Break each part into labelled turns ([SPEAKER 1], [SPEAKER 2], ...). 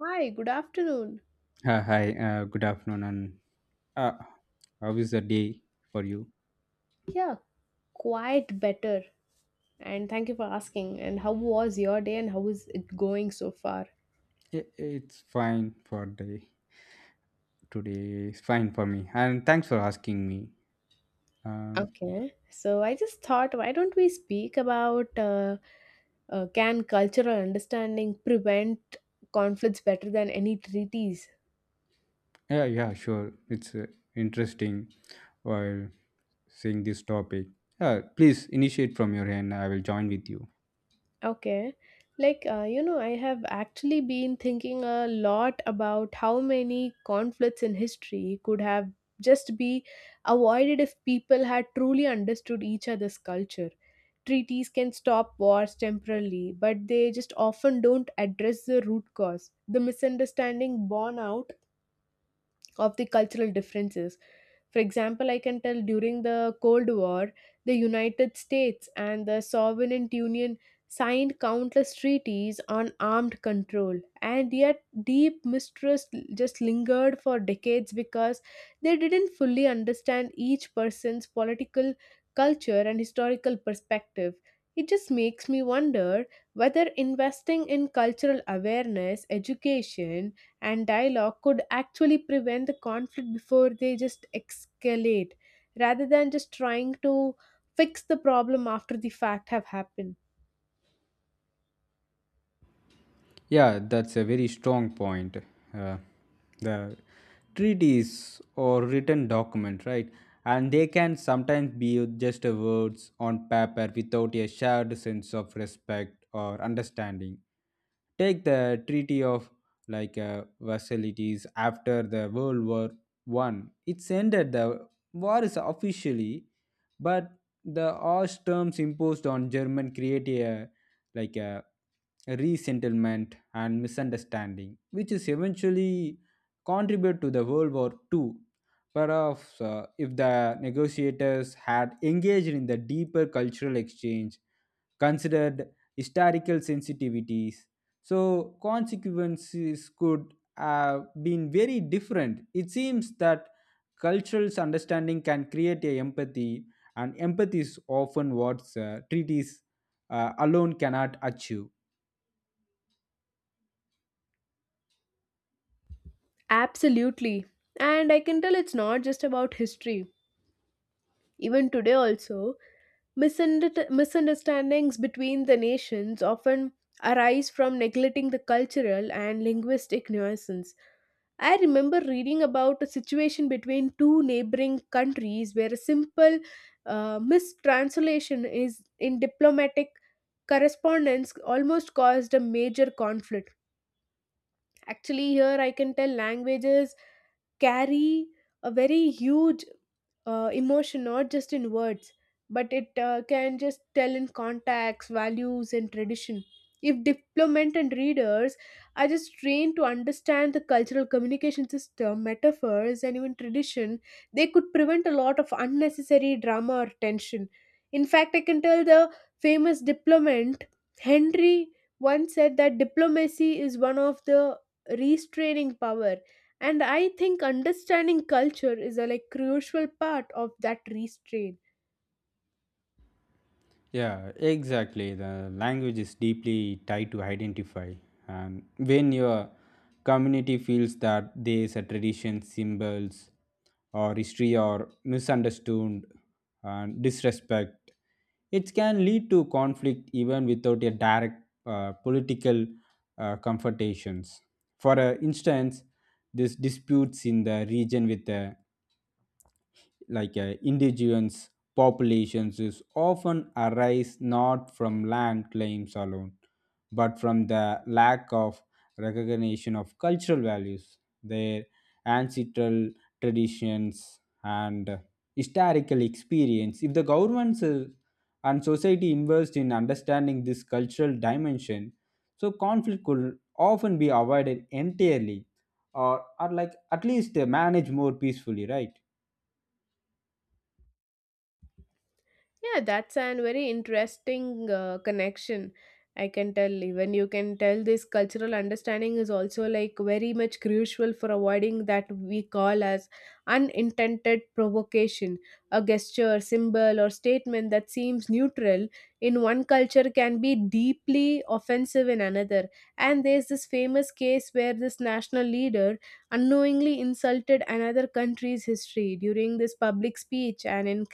[SPEAKER 1] Hi, good afternoon.
[SPEAKER 2] Hi, good afternoon, and uh, how is the day for you?
[SPEAKER 1] Yeah, quite better. And thank you for asking. And how was your day, and how is it going so far?
[SPEAKER 2] It's fine for the today. It's fine for me, and thanks for asking me. Um,
[SPEAKER 1] Okay. So I just thought, why don't we speak about can cultural understanding prevent conflicts better than any treaties?
[SPEAKER 2] yeah, yeah, sure. It's interesting while seeing this topic. Please initiate from your end. I will join with you.
[SPEAKER 1] Okay. Like, I have actually been thinking a lot about how many conflicts in history could have just be avoided if people had truly understood each other's culture. Treaties can stop wars temporarily, but they just often don't address the root cause, the misunderstanding born out of the cultural differences. For example, I can tell during the Cold War, the United States and the Soviet Union signed countless treaties on armed control, and yet deep mistrust just lingered for decades because they didn't fully understand each person's political culture and historical perspective. It just makes me wonder whether investing in cultural awareness, education, and dialogue could actually prevent the conflict before they just escalate, rather than just trying to fix the problem after the fact have happened.
[SPEAKER 2] Yeah, that's a very strong point. Uh, the treaties or written document, right, and they can sometimes be just a words on paper without a shared sense of respect or understanding. Take the treaty of Versailles after the world war 1. It's ended the war is officially, but the harsh terms imposed on german create a like a resettlement and misunderstanding, which is eventually contribute to the World War Two. Perhaps if the negotiators had engaged in the deeper cultural exchange, considered historical sensitivities, so consequences could have been very different. It seems that cultural understanding can create a empathy, and empathy is often what treaties alone cannot achieve.
[SPEAKER 1] Absolutely, and I can tell it's not just about history, even today also, misunderstandings between the nations often arise from neglecting the cultural and linguistic nuisance. I remember reading about a situation between two neighboring countries where a simple mistranslation is in diplomatic correspondence almost caused a major conflict. Actually, here I can tell languages carry a very huge emotion, not just in words, but it can just tell in contacts, values, and tradition. If diplomat and readers are just trained to understand the cultural communication system, metaphors, and even tradition, they could prevent a lot of unnecessary drama or tension. In fact, I can tell the famous diplomat Henry once said that diplomacy is one of the restraining power, and I think understanding culture is a like crucial part of that restraint.
[SPEAKER 2] Yeah, exactly. The language is deeply tied to identify. And when your community feels that there's a tradition, symbols, or history are misunderstood and disrespect, it can lead to conflict even without a direct political confrontations. For instance, this disputes in the region with the indigenous populations is often arise not from land claims alone, but from the lack of recognition of cultural values, their ancestral traditions and historical experience. If the governments and society invest in understanding this cultural dimension, so conflict could often be avoided entirely, or like at least managed more peacefully, right?
[SPEAKER 1] Yeah, that's an very interesting connection. I can tell even you can tell this cultural understanding is also like very much crucial for avoiding that we call as unintended provocation. A gesture, symbol, or statement that seems neutral in one culture can be deeply offensive in another. And there's this famous case where this national leader unknowingly insulted another country's history during this public speech, and in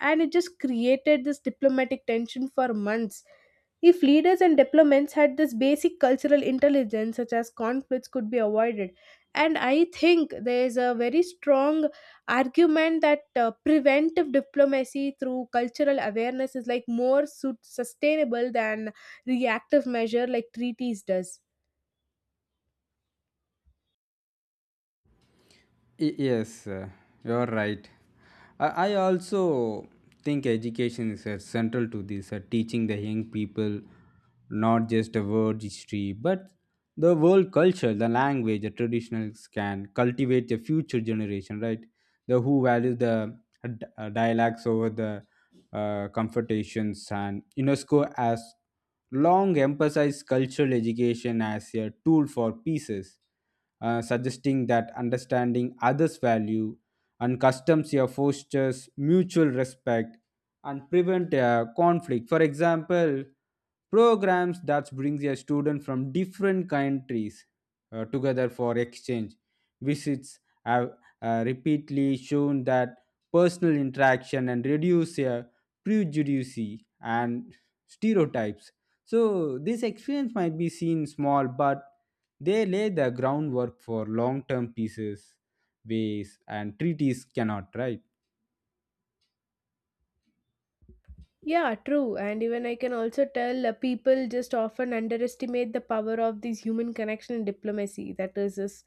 [SPEAKER 1] and it just created this diplomatic tension for months. If leaders and diplomats had this basic cultural intelligence, such as conflicts could be avoided. And I think there is a very strong argument that preventive diplomacy through cultural awareness is like more sustainable than reactive measure like treaties does.
[SPEAKER 2] Yes, you're right. I also think education is central to this, teaching the young people not just a world history, but the world culture, the language, the traditionals can cultivate the future generation, right? The who values the dialects over the confrontations, and UNESCO has long emphasized cultural education as a tool for pieces, suggesting that understanding others' value and customs here fosters mutual respect and prevent conflict. For example, programs that brings a student from different countries together for exchange visits have repeatedly shown that personal interaction and reduce prejudice and stereotypes. So this experience might be seen small, but they lay the groundwork for long term pieces, ways, and treaties cannot, right?
[SPEAKER 1] Yeah, true. And even I can also tell people just often underestimate the power of these human connection and diplomacy. That is, this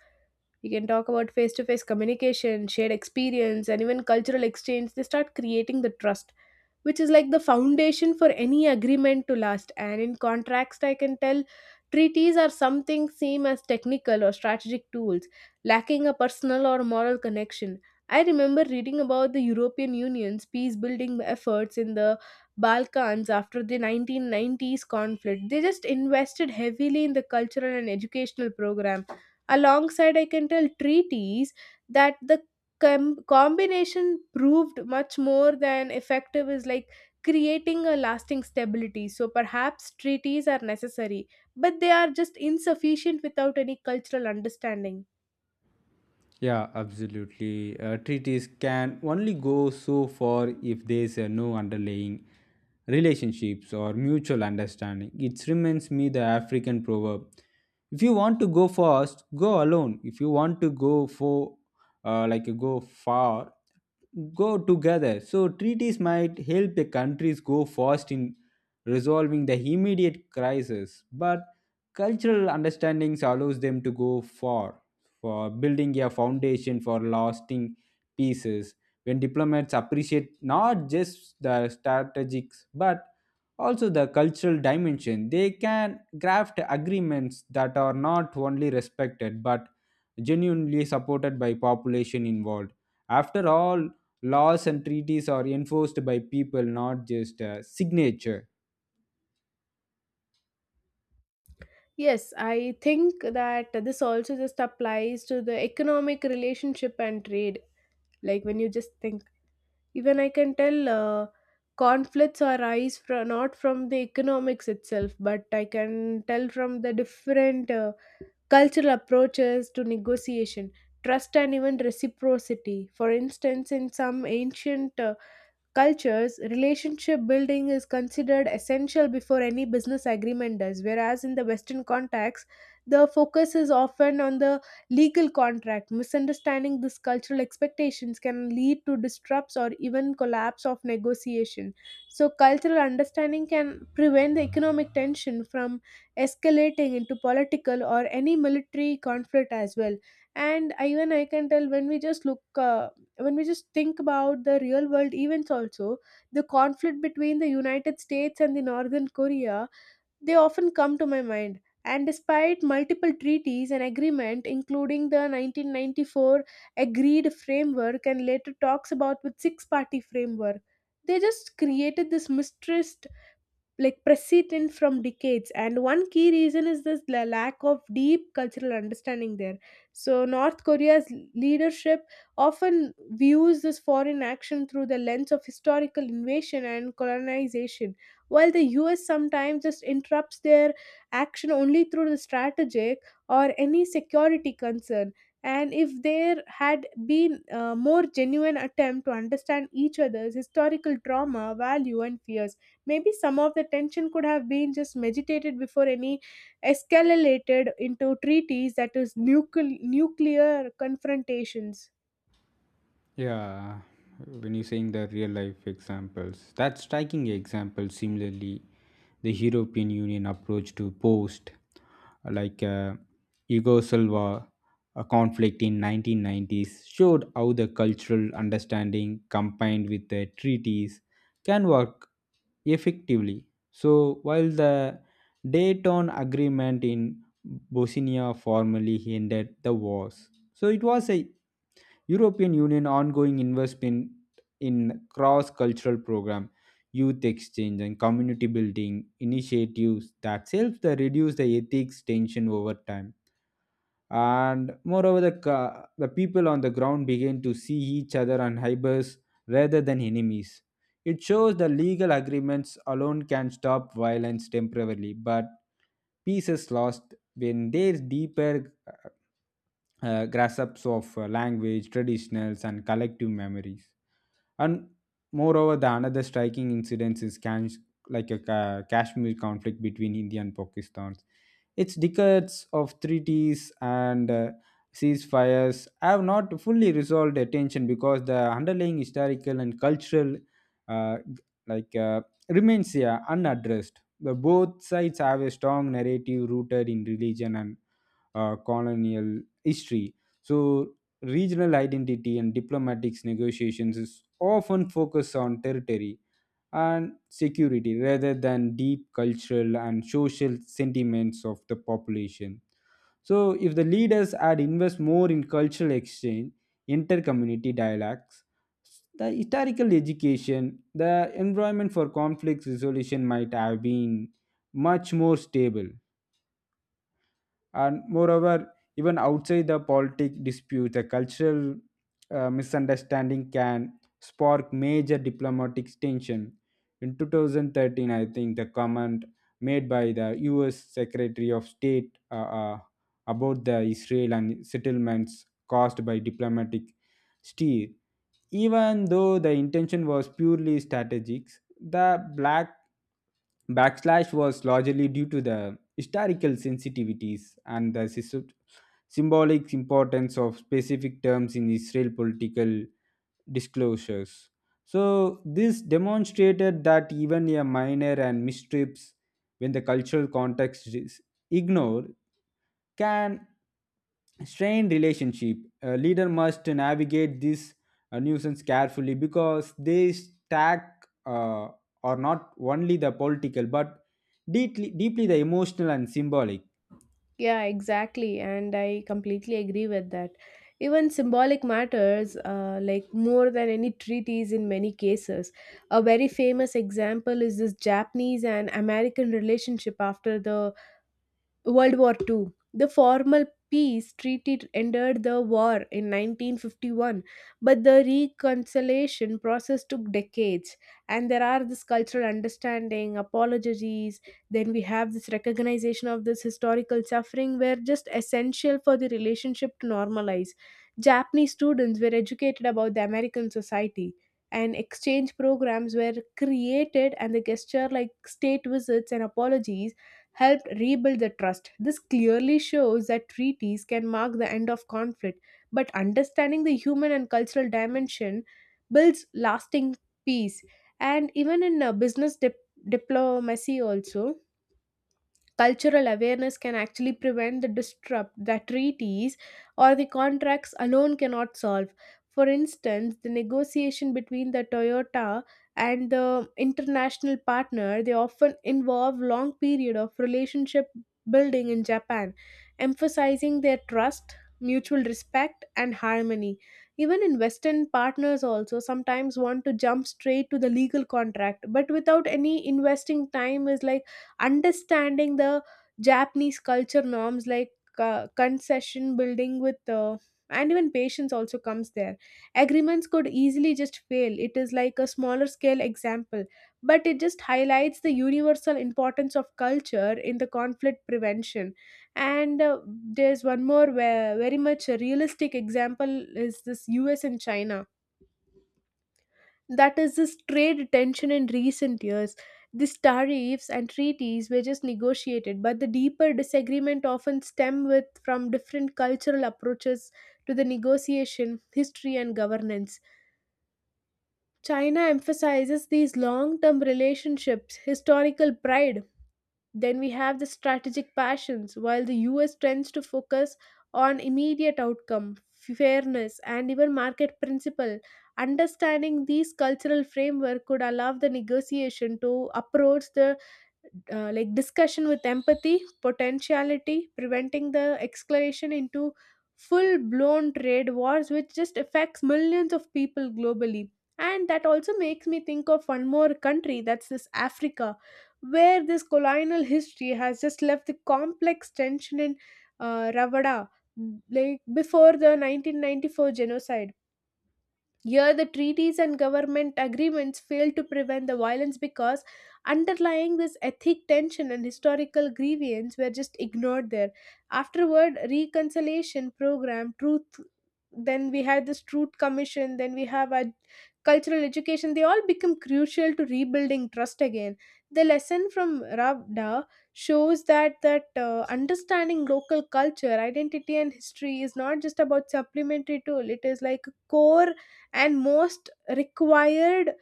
[SPEAKER 1] you can talk about face to face communication, shared experience, and even cultural exchange. They start creating the trust, which is like the foundation for any agreement to last, and in contracts I can tell treaties are something same as technical or strategic tools, lacking a personal or moral connection. I remember reading about the European Union's peace building efforts in the Balkans after the 1990s conflict. They just invested heavily in the cultural and educational program alongside, I can tell, treaties. That the combination proved much more than effective is like creating a lasting stability, so perhaps treaties are necessary, but they are just insufficient without any cultural understanding.
[SPEAKER 2] Yeah, absolutely. Treaties can only go so far if there's no underlying relationships or mutual understanding. It reminds me the African proverb: "If you want to go fast, go alone. If you want to go for go far, go together." So, treaties might help the countries go fast in resolving the immediate crisis, but cultural understandings allows them to go far for building a foundation for lasting pieces. When diplomats appreciate not just the strategics but also the cultural dimension, they can craft agreements that are not only respected but genuinely supported by population involved. After all, laws and treaties are enforced by people, not just a signature.
[SPEAKER 1] Yes, I think that this also just applies to the economic relationship and trade. Like, when you just think, even I can tell conflicts arise from not from the economics itself, but I can tell from the different cultural approaches to negotiation, trust, and even reciprocity. For instance, in some ancient cultures, relationship building is considered essential before any business agreement does, whereas in the Western context, the focus is often on the legal contract. Misunderstanding these cultural expectations can lead to disrupts or even collapse of negotiation. So, cultural understanding can prevent the economic tension from escalating into political or any military conflict as well. And even I can tell when we just think about the real world events also, the conflict between the United States and the Northern Korea, they often come to my mind. And despite multiple treaties and agreement, including the 1994 agreed framework and later talks about with six party framework, they just created this mistrust like precedent from decades. And one key reason is this lack of deep cultural understanding there. So North Korea's leadership often views this foreign action through the lens of historical invasion and colonization, while the US sometimes just interrupts their action only through the strategic or any security concern. And if there had been a more genuine attempt to understand each other's historical trauma value and fears, maybe some of the tension could have been just meditated before any escalated into treaties that is nuclear confrontations.
[SPEAKER 2] Yeah, when you're saying the real life examples, that's striking example. Similarly, the European Union approach to post like uh, Yugoslav a conflict in 1990s showed how the cultural understanding combined with the treaties can work effectively. So while the Dayton Agreement in Bosnia formally ended the wars, so it was a European Union ongoing investment in cross-cultural program, youth exchange and community building initiatives that helps to reduce the ethics tension over time. And moreover, the people on the ground begin to see each other and neighbors rather than enemies. It shows the legal agreements alone can stop violence temporarily, but peace is lost when there's deeper grasps of language, traditionals, and collective memories. And moreover, the another striking incident is kashmir conflict between india and pakistan. Its decades of treaties and ceasefires have not fully resolved the tension, because the underlying historical and cultural uh, like uh, remains here unaddressed. The both sides have a strong narrative rooted in religion and colonial history. So regional identity and diplomatic negotiations is often focused on territory and security rather than deep cultural and social sentiments of the population. So, if the leaders had invest more in cultural exchange, intercommunity dialogues, the historical education, the environment for conflict resolution might have been much more stable. And moreover, even outside the politic dispute, the cultural misunderstanding can spark major diplomatic tension. In 2013, I think, the comment made by the us secretary of state about the israel and settlements caused by diplomatic steer. Even though the intention was purely strategic, the black Backslash was largely due to the historical sensitivities and the symbolic importance of specific terms in Israel political disclosures. So, this demonstrated that even a minor and mistrips, when the cultural context is ignored, can strain relationship. A leader must navigate this nuisance carefully because they stack are not only the political but deeply, deeply the emotional and symbolic.
[SPEAKER 1] Yeah, exactly. And I completely agree with that. Even symbolic matters, like more than any treaties in many cases. A very famous example is this Japanese and American relationship after the World War II. The formal peace treaty ended the war in 1951, but the reconciliation process took decades. And there are this cultural understanding, apologies, then we have this recognition of this historical suffering were just essential for the relationship to normalize. Japanese students were educated about the American society. And exchange programs were created, and the gesture like state visits and apologies helped rebuild the trust. This clearly shows that treaties can mark the end of conflict, but understanding the human and cultural dimension builds lasting peace. And even in business diplomacy, also cultural awareness can actually prevent the disrupt that treaties or the contracts alone cannot solve. For instance, the negotiation between the Toyota and the international partner, they often involve long period of relationship building in Japan, emphasizing their trust, mutual respect, and harmony. Even in Western partners also sometimes want to jump straight to the legal contract, but without any investing time is like understanding the Japanese culture norms, like concession building with and even patience also comes there, agreements could easily just fail. It is like a smaller scale example, but it just highlights the universal importance of culture in the conflict prevention. And there's one more where very much a realistic example is this US and China, that is this trade tension in recent years. These tariffs and treaties were just negotiated, but the deeper disagreement often stem with from different cultural approaches to the negotiation, history, and governance. China emphasizes these long-term relationships, historical pride, then we have the strategic passions, while the US tends to focus on immediate outcome, fairness, and even market principle. Understanding these cultural framework could allow the negotiation to approach the like discussion with empathy, potentiality, preventing the escalation into full blown trade wars, which just affects millions of people globally. And that also makes me think of one more country, that's this Africa, where this colonial history has just left the complex tension in Ravada, like before the 1994 genocide here, the treaties and government agreements failed to prevent the violence because underlying this ethnic tension and historical grievance were just ignored there. Afterward, reconciliation program, truth, then we had this truth commission, then we have a cultural education, they all become crucial to rebuilding trust again. The lesson from Ravda shows that that understanding local culture, identity, and history is not just about supplementary tool. It is like a core and most required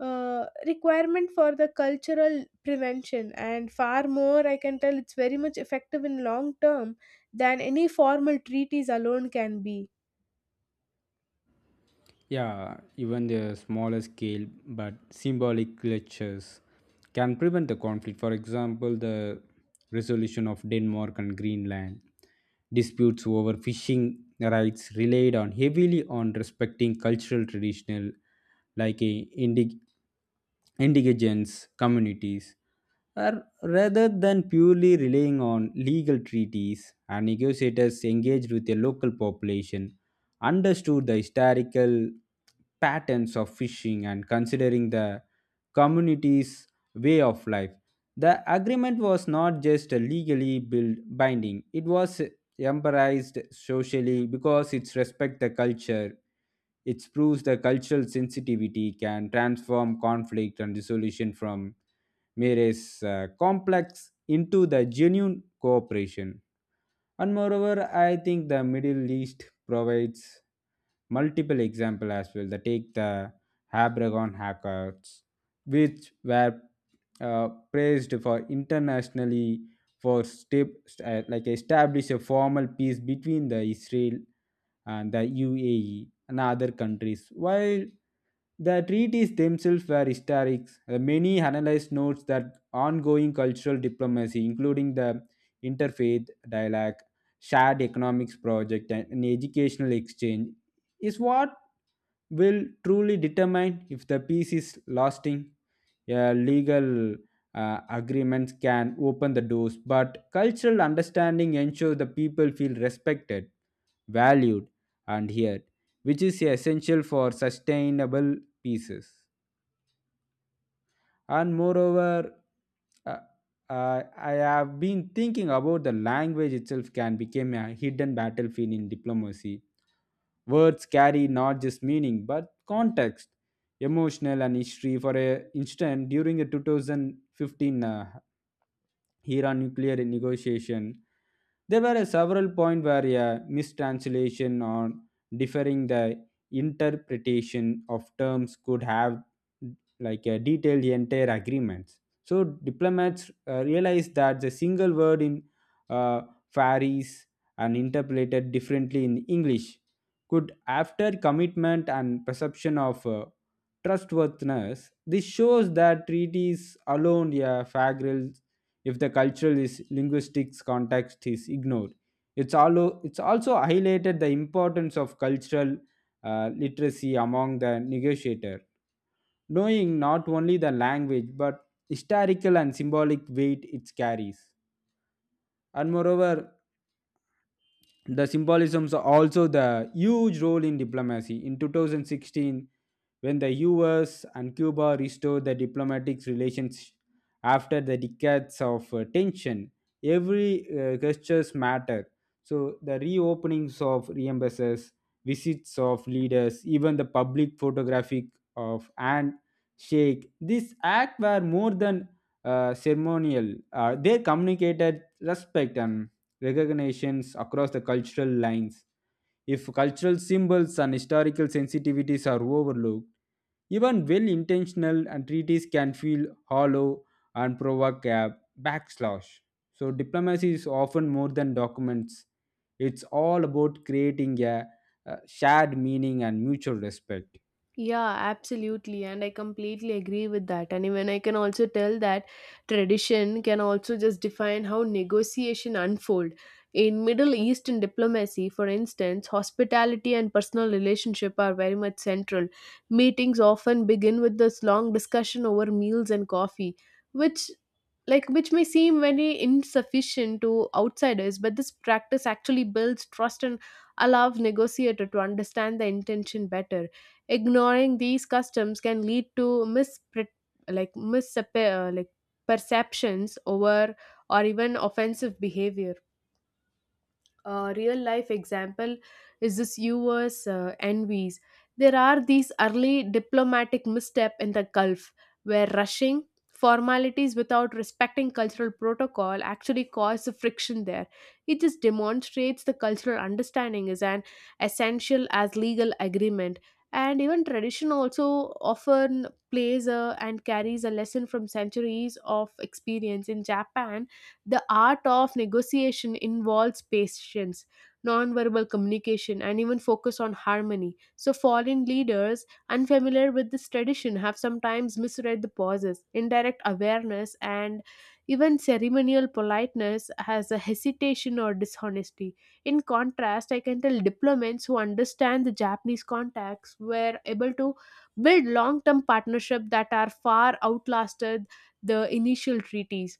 [SPEAKER 1] requirement for the cultural prevention, and far more I can tell it's very much effective in long term than any formal treaties alone can be.
[SPEAKER 2] Yeah, even the smaller scale but symbolic gestures can prevent the conflict. For example, the resolution of Denmark and Greenland disputes over fishing rights relied on heavily on respecting cultural traditional, like a indig- indigenous communities, are rather than purely relying on legal treaties, and negotiators engaged with the local population, understood the historical patterns of fishing and considering the community's way of life. The agreement was not just legally build, binding, it was embraced socially because it respects the culture. It proves the cultural sensitivity can transform conflict and resolution from mere complex into the genuine cooperation. And moreover, I think the Middle East provides multiple example as well. They take the Habragon hackers, which were praised for internationally for step, st- like establish a formal peace between the Israel and the UAE and other countries. While the treaties themselves were historic, many analysts notes that ongoing cultural diplomacy, including the interfaith dialogue, shared economics project, and an educational exchange is what will truly determine if the peace is lasting. A legal agreements can open the doors, but cultural understanding ensures the people feel respected, valued, and heard, which is essential for sustainable pieces. And moreover, uh, I have been thinking about the language itself can become a hidden battlefield in diplomacy. Words carry not just meaning but context, emotional and history. For a instance, during the 2015 Iran nuclear negotiation, there were a several points where a mistranslation or differing the interpretation of terms could have like a detailed the entire agreements. So diplomats realized that the single word in uh, varies and interpreted differently in English could, after commitment and perception of trustworthiness. This shows that treaties alone a fagral if the cultural is linguistics context is ignored. It's also highlighted the importance of cultural literacy among the negotiator, knowing not only the language but historical and symbolic weight it carries. And moreover, the symbolisms are also the huge role in diplomacy. In 2016, when the US and Cuba restored the diplomatic relations after the decades of tension, every gestures matter. So the reopenings of embassies, visits of leaders, even the public photographic of handshake, this act were more than ceremonial. They communicated respect and recognitions across the cultural lines. If cultural symbols and historical sensitivities are overlooked, even well intentional and treaties can feel hollow and provoke a backslash. So, diplomacy is often more than documents, it's all about creating a shared meaning and mutual respect.
[SPEAKER 1] Yeah, absolutely. And I completely agree with that. And even I can also tell that tradition can also just define how negotiation unfold. In Middle Eastern diplomacy, for instance, hospitality and personal relationship are very much central. Meetings often begin with this long discussion over meals and coffee, which which may seem very insufficient to outsiders, but this practice actually builds trust and allows negotiator to understand the intention better. Ignoring these customs can lead to mis like over or even offensive behavior. A real life example is this US envies. There are these early diplomatic misstep in the Gulf, where rushing formalities without respecting cultural protocol actually caused the friction there. It just demonstrates the cultural understanding is an essential as legal agreement. And even tradition also often and carries a lesson from centuries of experience in Japan. The art of negotiation involves patience, nonverbal communication, and even focus on harmony. So, foreign leaders unfamiliar with this tradition have sometimes misread the pauses. Indirect awareness and even ceremonial politeness has a hesitation or dishonesty. In contrast, I can tell diplomats who understand the Japanese context were able to build long term partnerships that are far outlasted the initial treaties.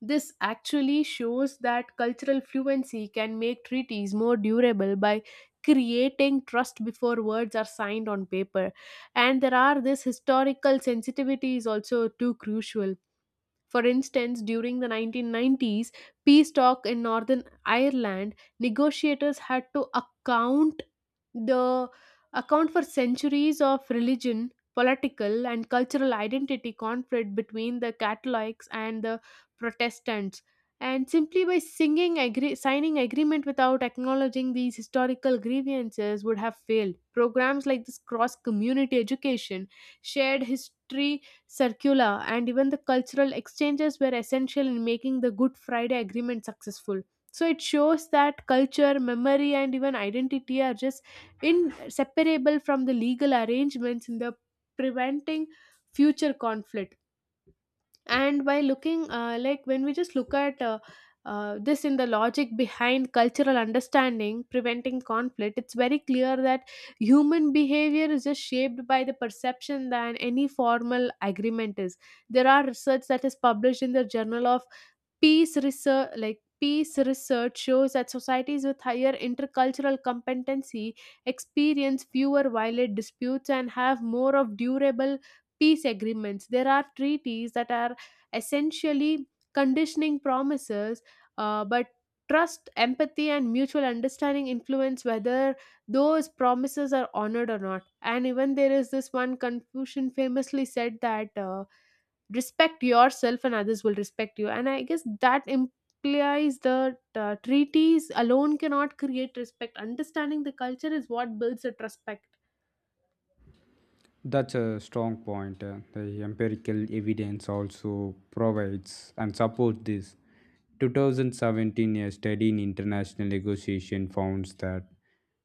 [SPEAKER 1] This actually shows that cultural fluency can make treaties more durable by creating trust before words are signed on paper. And there are this historical sensitivity is also too crucial. For instance, during the 1990s peace talk in Northern Ireland, negotiators had to the account for centuries of religion, political, and cultural identity conflict between the Catholics and the Protestants. And simply by signing agreement without acknowledging these historical grievances would have failed. Programs like this cross community education, shared history circular, and even the cultural exchanges were essential in making the Good Friday Agreement successful. So it shows that culture, memory, and even identity are just inseparable from the legal arrangements in the preventing future conflict. And by looking like when we just look at this in the logic behind cultural understanding preventing conflict, it's very clear that human behavior is just shaped by the perception than any formal agreement is. There are research that is published in the journal of Peace research shows that societies with higher intercultural competency experience fewer violent disputes and have more of durable peace agreements. There are treaties that are essentially conditioning promises, but trust, empathy, and mutual understanding influence whether those promises are honored or not. And even there is this one Confucian famously said that. Respect yourself and others will respect you, and I guess that implies the treaties alone cannot create respect. Understanding the culture is what builds the respect.
[SPEAKER 2] That's a strong point. The empirical evidence also provides and supports this. 2017, a study in international negotiation found that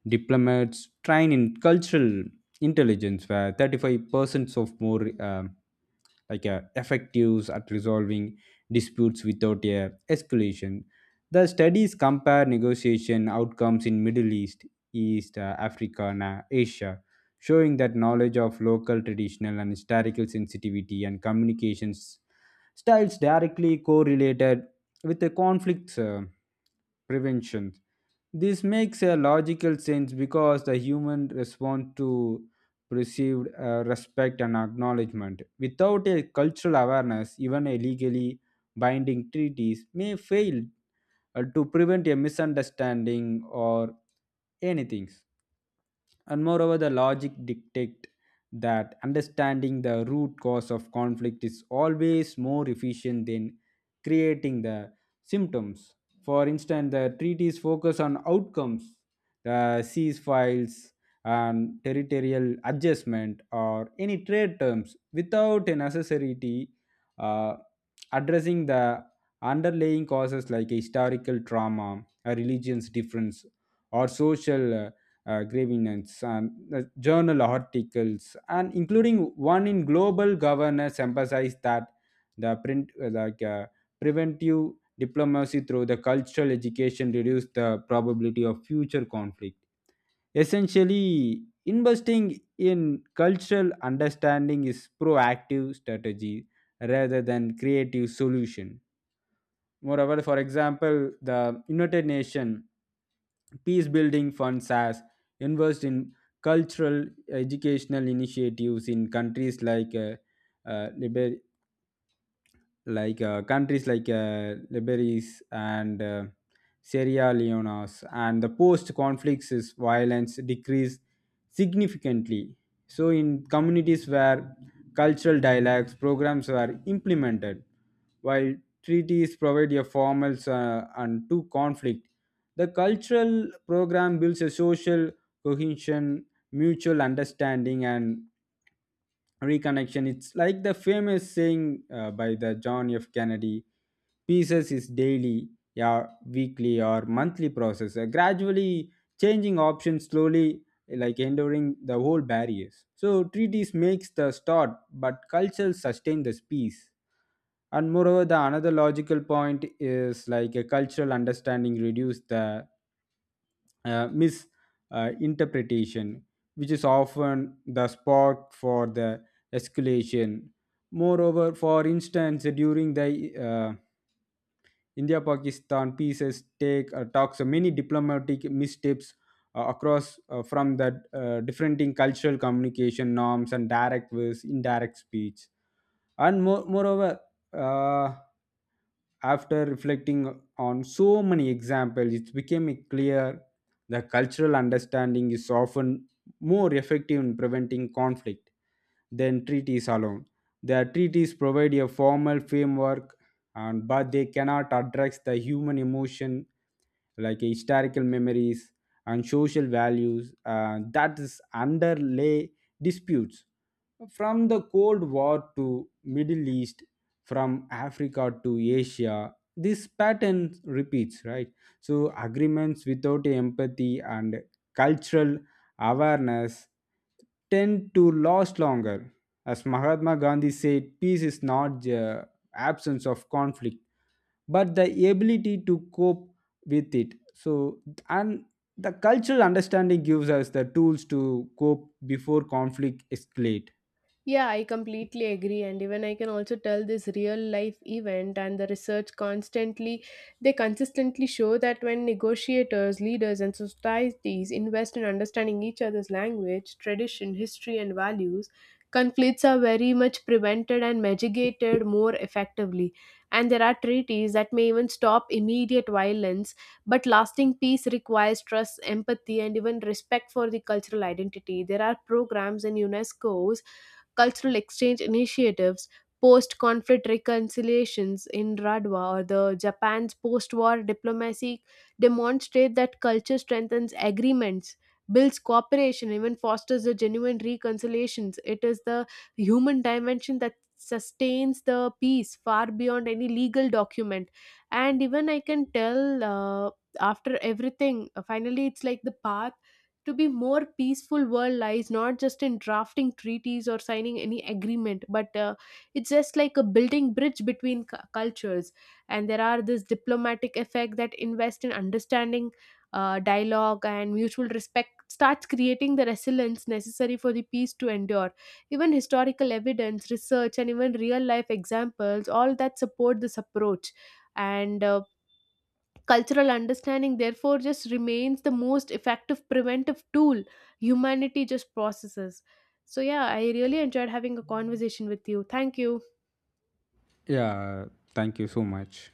[SPEAKER 2] diplomats trained in cultural intelligence were 35% of more effectives at resolving disputes without a escalation. The studies compare negotiation outcomes in Middle East, East Africa, and Asia, showing that knowledge of local traditional and historical sensitivity and communications styles directly correlated with the conflict prevention. This makes a logical sense because the human responds to perceived respect and acknowledgement. Without a cultural awareness, even a legally binding treaties may fail to prevent a misunderstanding or anything. And moreover, the logic dictates that understanding the root cause of conflict is always more efficient than creating the symptoms. For instance, the treaties focus on outcomes, the ceasefires and territorial adjustment or any trade terms without a necessity uh, addressing the underlying causes like historical trauma, a religion's difference, or social grievance. And the journal articles, and including one in global governance, emphasized that the print like preventive diplomacy through the cultural education reduce the probability of future conflict. Essentially, investing in cultural understanding is proactive strategy rather than creative solution. Moreover, for example, the United Nations Peace Building Funds has invested in cultural educational initiatives in countries like uh, Liber- countries like Liberis and Sierra Leone's, and the post conflicts is violence decreased significantly. So in communities where cultural dialogues programs were implemented, while treaties provide a formal and to conflict, the cultural program builds a social cohesion, mutual understanding, and reconnection. It's like the famous saying by the john f kennedy: pieces is daily, yeah, weekly or monthly process. Gradually changing options slowly, like enduring the whole barriers. So treaties makes the start, but culture sustain the peace. And moreover, the another logical point is like a cultural understanding reduce the misinterpretation, which is often the spark for the escalation. Moreover, for instance, during the India Pakistan pieces, take talks, many diplomatic missteps across from the different in cultural communication norms and direct versus indirect speech. And moreover, uh, after reflecting on so many examples, it became clear the cultural understanding is often more effective in preventing conflict than treaties alone. The treaties provide a formal framework, and but they cannot address the human emotion like historical memories and social values that is underlay disputes. From the cold war to middle east, from africa to asia, this pattern repeats, right? So agreements without empathy and cultural awareness tend to last longer. As mahatma gandhi said, peace is not the absence of conflict, but the ability to cope with it. So, and the cultural understanding gives us the tools to cope before conflict escalate.
[SPEAKER 1] Yeah, I completely agree. And even I can also tell this real life event and the research constantly, they consistently show that when negotiators, leaders, and societies invest in understanding each other's language, tradition, history, and values, conflicts are very much prevented and mitigated more effectively. And there are treaties that may even stop immediate violence, but lasting peace requires trust, empathy, and even respect for the cultural identity. There are programs in UNESCO's cultural exchange initiatives, post conflict reconciliations in Radwa or the Japan's post war diplomacy demonstrate that culture strengthens agreements, builds cooperation, even fosters the genuine reconciliations. It is the human dimension that sustains the peace far beyond any legal document. And even I can tell after everything, finally, it's like the path to be more peaceful world lies not just in drafting treaties or signing any agreement, but it's just like a building bridge between cultures, and there are this diplomatic effect that invest in understanding dialogue and mutual respect starts creating the resilience necessary for the peace to endure. Even historical evidence research and even real life examples all that support this approach. And cultural understanding, therefore, just remains the most effective preventive tool humanity just processes. So, yeah, I really enjoyed having a conversation with you. Thank you.
[SPEAKER 2] Yeah, thank you so much.